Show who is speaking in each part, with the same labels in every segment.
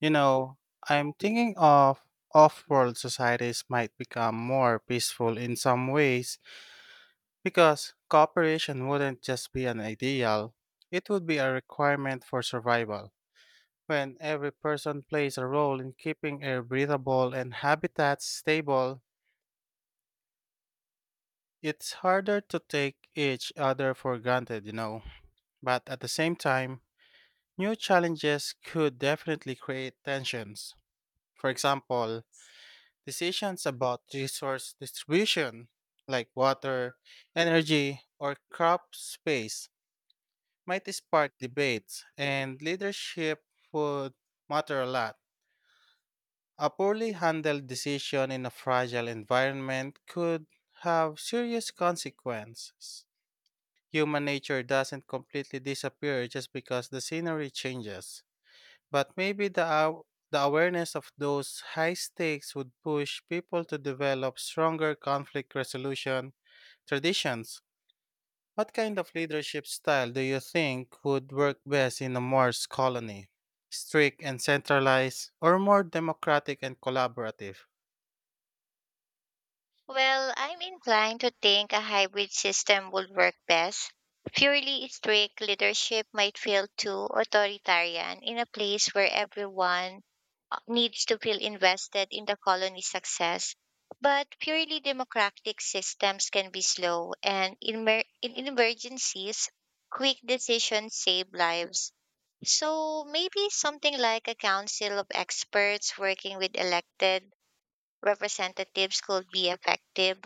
Speaker 1: You know, I'm thinking of off-world societies might become more peaceful in some ways because cooperation wouldn't just be an ideal, it would be a requirement for survival. When every person plays a role in keeping air breathable and habitats stable, it's harder to take each other for granted, But at the same time, new challenges could definitely create tensions. For example, decisions about resource distribution, like water, energy, or crop space, might spark debates, and leadership would matter a lot. A poorly handled decision in a fragile environment could have serious consequences. Human nature doesn't completely disappear just because the scenery changes. But maybe the awareness of those high stakes would push people to develop stronger conflict resolution traditions. What kind of leadership style do you think would work best in a Mars colony? Strict and centralized, or more democratic and collaborative?
Speaker 2: Well, I'm inclined to think a hybrid system would work best. Purely strict leadership might feel too authoritarian in a place where everyone needs to feel invested in the colony's success. But purely democratic systems can be slow, and in emergencies, quick decisions save lives. So maybe something like a council of experts working with elected representatives could be effective.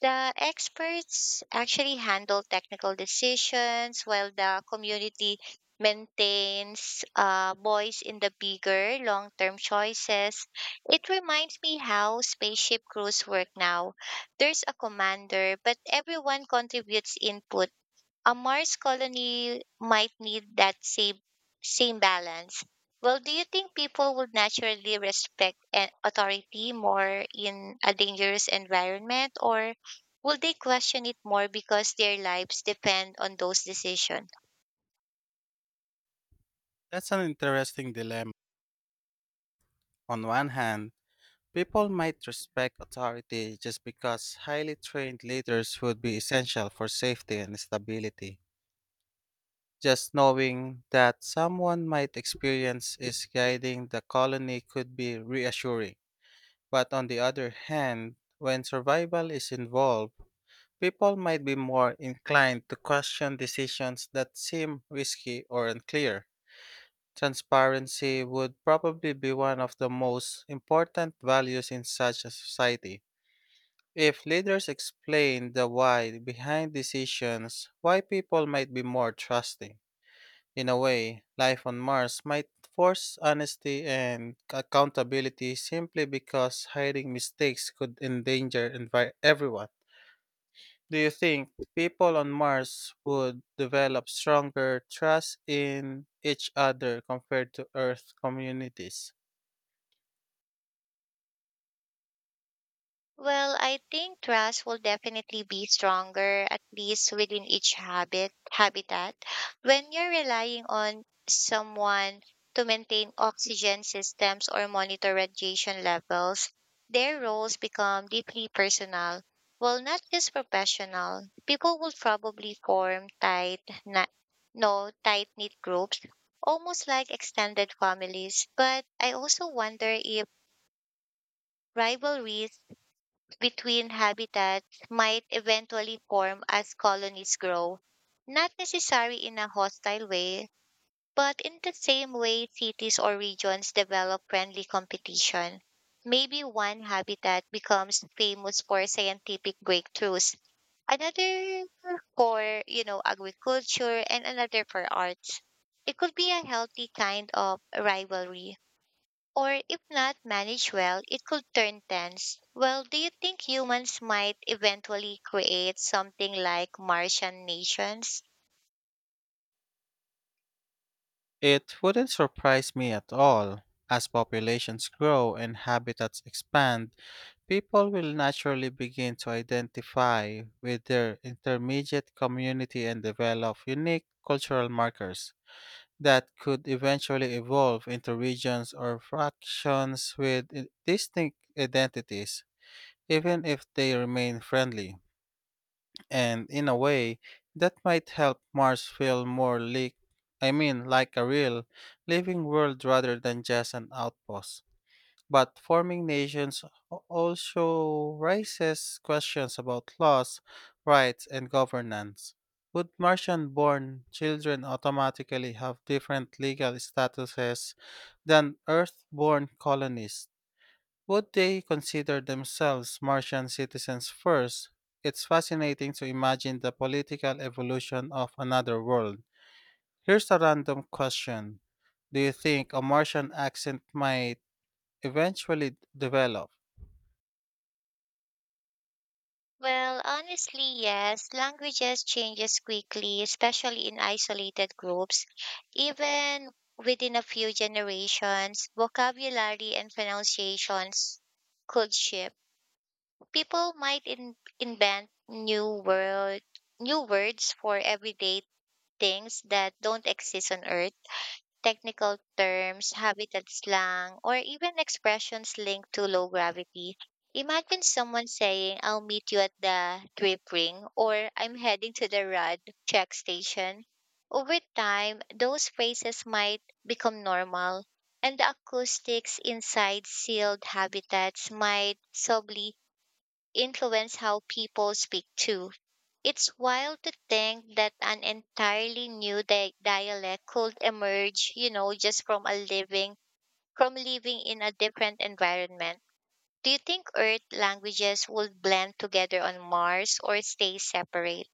Speaker 2: The experts actually handle technical decisions while the community maintains a voice in the bigger long term choices. It reminds me how spaceship crews work now. There's a commander, but everyone contributes input. A Mars colony might need that same balance. Well, do you think people would naturally respect an authority more in a dangerous environment, or will they question it more because their lives depend on those decisions?
Speaker 1: That's an interesting dilemma. On one hand, people might respect authority just because highly trained leaders would be essential for safety and stability. Just knowing that someone might experience is guiding the colony could be reassuring. But on the other hand, when survival is involved, people might be more inclined to question decisions that seem risky or unclear. Transparency would probably be one of the most important values in such a society. If leaders explain the why behind decisions, why people might be more trusting. In a way, life on Mars might force honesty and accountability simply because hiding mistakes could everyone. Do you think people on Mars would develop stronger trust in each other compared to Earth communities?
Speaker 2: Well, I think trust will definitely be stronger, at least within each habitat. When you're relying on someone to maintain oxygen systems or monitor radiation levels, their roles become deeply personal. Well, not just professional. People will probably form tight, na- no, tight-knit groups, almost like extended families. But I also wonder if rivalries between habitats might eventually form as colonies grow, not necessarily in a hostile way, but in the same way cities or regions develop friendly competition. Maybe one habitat becomes famous for scientific breakthroughs, another for, you know, agriculture, and another for arts. It could be a healthy kind of rivalry, or if not managed well, it could turn tense. Well, do you think humans might eventually create something like Martian nations?
Speaker 1: It wouldn't surprise me at all. As populations grow and habitats expand, people will naturally begin to identify with their intermediate community and develop unique cultural markers that could eventually evolve into regions or distinct identities, even if they remain friendly. And in a way, that might help Mars feel more like, I mean, like a real living world rather than just an outpost. But forming nations also raises questions about laws, rights, and governance. Would Martian born children automatically have different legal statuses than Earth born colonists? Would they consider themselves Martian citizens first? It's fascinating to imagine the political evolution of another world. Here's a random question. Do you think a Martian accent might eventually develop?
Speaker 2: Well, honestly, yes. Languages changes quickly, especially in isolated groups. Even within a few generations, vocabulary and pronunciations could shift. People might invent new words for everyday things that don't exist on Earth, technical terms, habitat slang, or even expressions linked to low gravity. Imagine someone saying, I'll meet you at the drip ring, or I'm heading to the rad check station. Over time, those phrases might become normal, and the acoustics inside sealed habitats might subtly influence how people speak too. It's wild to think that an entirely new dialect could emerge, you know, just from living in a different environment. Do you think Earth languages would blend together on Mars or stay separate?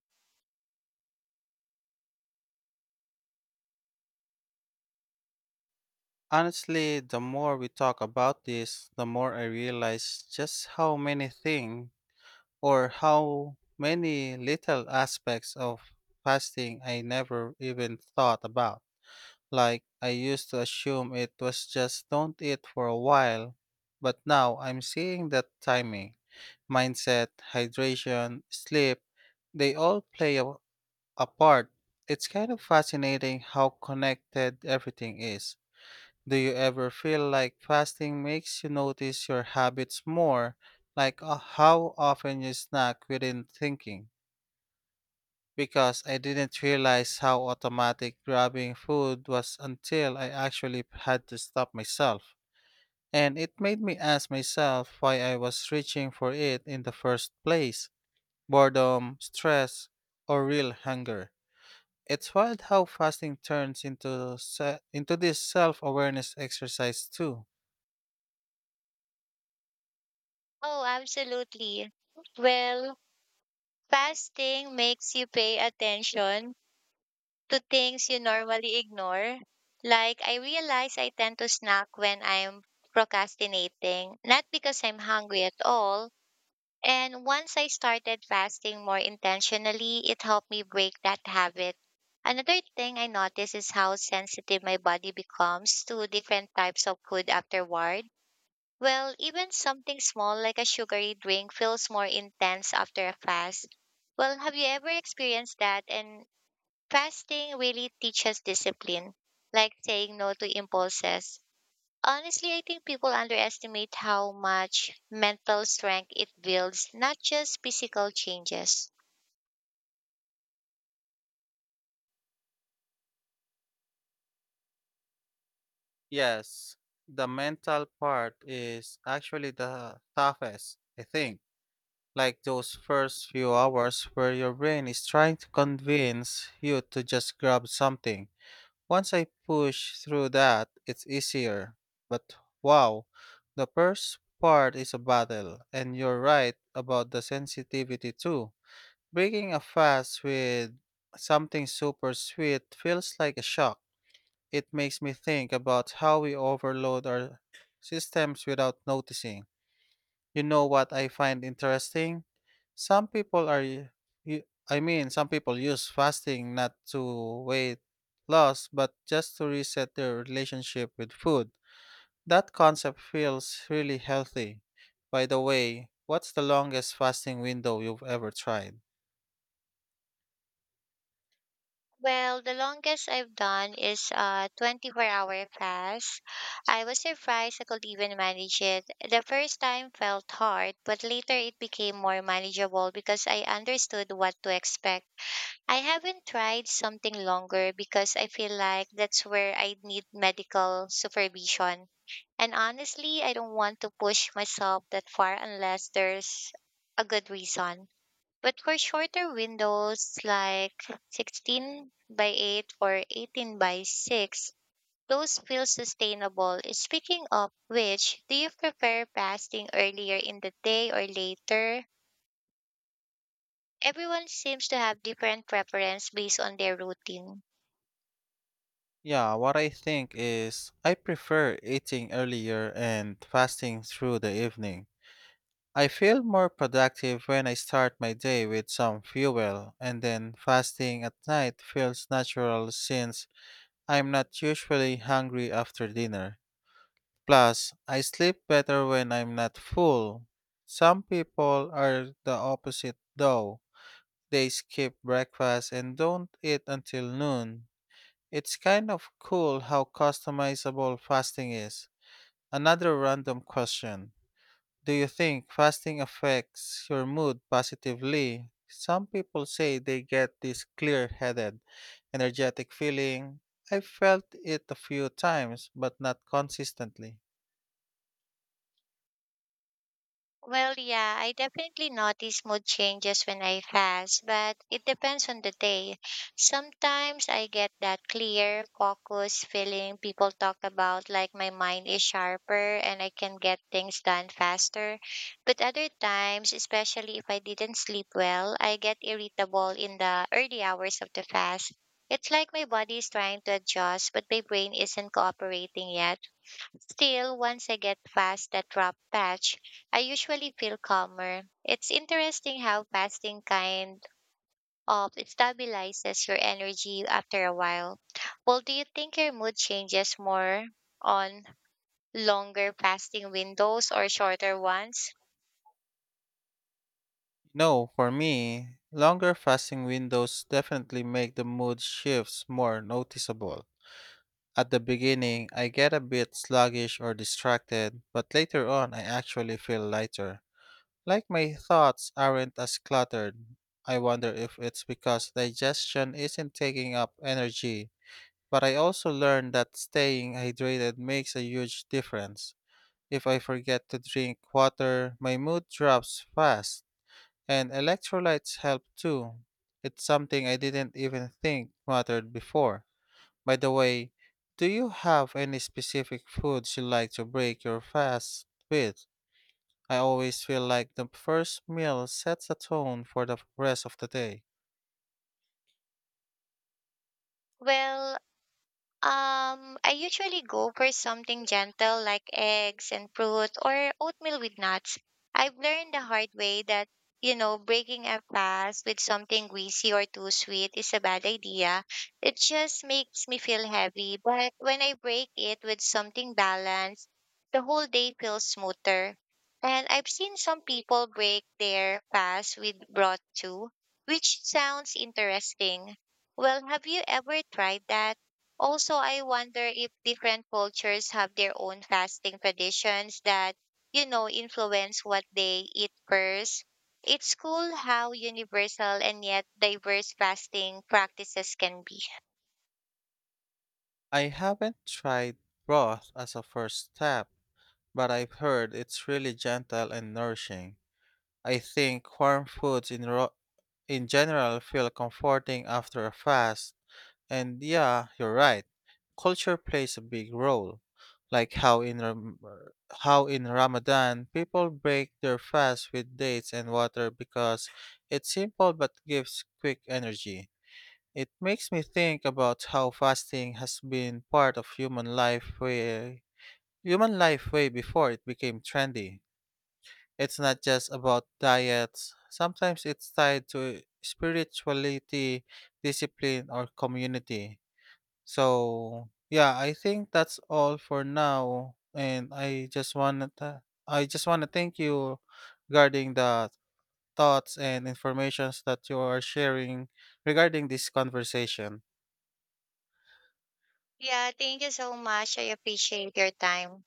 Speaker 1: Honestly, the more we talk about this, the more I realize just how many little aspects of fasting I never even thought about. Like I used to assume it was just don't eat for a while, but now I'm seeing that timing, mindset, hydration, sleep, they all play a part. It's kind of fascinating how connected everything is. Do you ever feel like fasting makes you notice your habits more, like how often you snack within thinking? Because I didn't realize how automatic grabbing food was until I actually had to stop myself. And it made me ask myself why I was reaching for it in the first place, boredom, stress, or real hunger. It's wild how fasting turns into this self awareness exercise, too.
Speaker 2: Oh, absolutely. Well, fasting makes you pay attention to things you normally ignore. Like I realize I tend to snack when I'm procrastinating, not because I'm hungry at all. And once I started fasting more intentionally, it helped me break that habit. Another thing I noticed is how sensitive my body becomes to different types of food afterward. Well, even something small like a sugary drink feels more intense after a fast. Well, have you ever experienced that? And fasting really teaches discipline, like saying no to impulses. Honestly, I think people underestimate how much mental strength it builds, not just physical changes.
Speaker 1: Yes, the mental part is actually the toughest, I think. Like those first few hours where your brain is trying to convince you to just grab something. Once I push through that, it's easier. But wow, the first part is a battle, and you're right about the sensitivity too. Breaking a fast with something super sweet feels like a shock. It makes me think about how we overload our systems without noticing. You know what I find interesting? Some people are, y- y- I mean, some people use fasting not to weight loss, but just to reset their relationship with food. That concept feels really healthy. By the way, what's the longest fasting window you've ever tried?
Speaker 2: Well, the longest I've done is a 24-hour class. I was surprised I could even manage it. The first time felt hard, but later it became more manageable because I understood what to expect. I haven't tried something longer because I feel like that's where I need medical supervision. And honestly, I don't want to push myself that far unless there's a good reason. But for shorter windows like 16 by 8 or 18 by 6, those feel sustainable. Speaking of which, do you prefer fasting earlier in the day or later? Everyone seems to have different preference based on their routine.
Speaker 1: Yeah, what I think is I prefer eating earlier and fasting through the evening. I feel more productive when I start my day with some fuel, and then fasting at night feels natural since I'm not usually hungry after dinner. Plus, I sleep better when I'm not full. Some people are the opposite though. They skip breakfast and don't eat until noon. It's kind of cool how customizable fasting is. Another random question. Do you think fasting affects your mood positively? Some people say they get this clear headed, energetic feeling. I felt it a few times, but not consistently.
Speaker 2: Well, yeah, I definitely notice mood changes when I fast, but it depends on the day. Sometimes I get that clear, focused feeling people talk about, like my mind is sharper and I can get things done faster. But other times, especially if I didn't sleep well, I get irritable in the early hours of the fast. It's like my body is trying to adjust, but my brain isn't cooperating yet. Still, once I get past that rough patch, I usually feel calmer. It's interesting how fasting kind of stabilizes your energy after a while. Well, do you think your mood changes more on longer fasting windows or shorter ones?
Speaker 1: No, for me, longer fasting windows definitely make the mood shifts more noticeable. At the beginning, I get a bit sluggish or distracted, but later on, I actually feel lighter. Like my thoughts aren't as cluttered. I wonder if it's because digestion isn't taking up energy. But I also learned that staying hydrated makes a huge difference. If I forget to drink water, my mood drops fast, and electrolytes help too. It's something I didn't even think mattered before. By the way, do you have any specific foods you like to break your fast with? I always feel like the first meal sets a tone for the rest of the day.
Speaker 2: Well, I usually go for something gentle like eggs and fruit or oatmeal with nuts. I've learned the hard way that, you know, breaking a fast with something greasy or too sweet is a bad idea. It just makes me feel heavy. But when I break it with something balanced, the whole day feels smoother. And I've seen some people break their fast with broth too, which sounds interesting. Well, have you ever tried that? Also, I wonder if different cultures have their own fasting traditions that, you know, influence what they eat first. It's cool how universal and yet diverse fasting practices can be.
Speaker 1: I haven't tried broth as a first step, but I've heard it's really gentle and nourishing. I think warm foods in general feel comforting after a fast. And yeah, you're right. Culture plays a big role, like how in Ramadan people break their fast with dates and water because it's simple but gives quick energy. It makes me think about how fasting has been part of human life way before it became trendy. It's not just about diets. Sometimes it's tied to spirituality, discipline, or community. So, yeah, I think that's all for now. And I just wanna thank you regarding the thoughts and informations that you are sharing regarding this conversation.
Speaker 2: Yeah, thank you so much. I appreciate your time.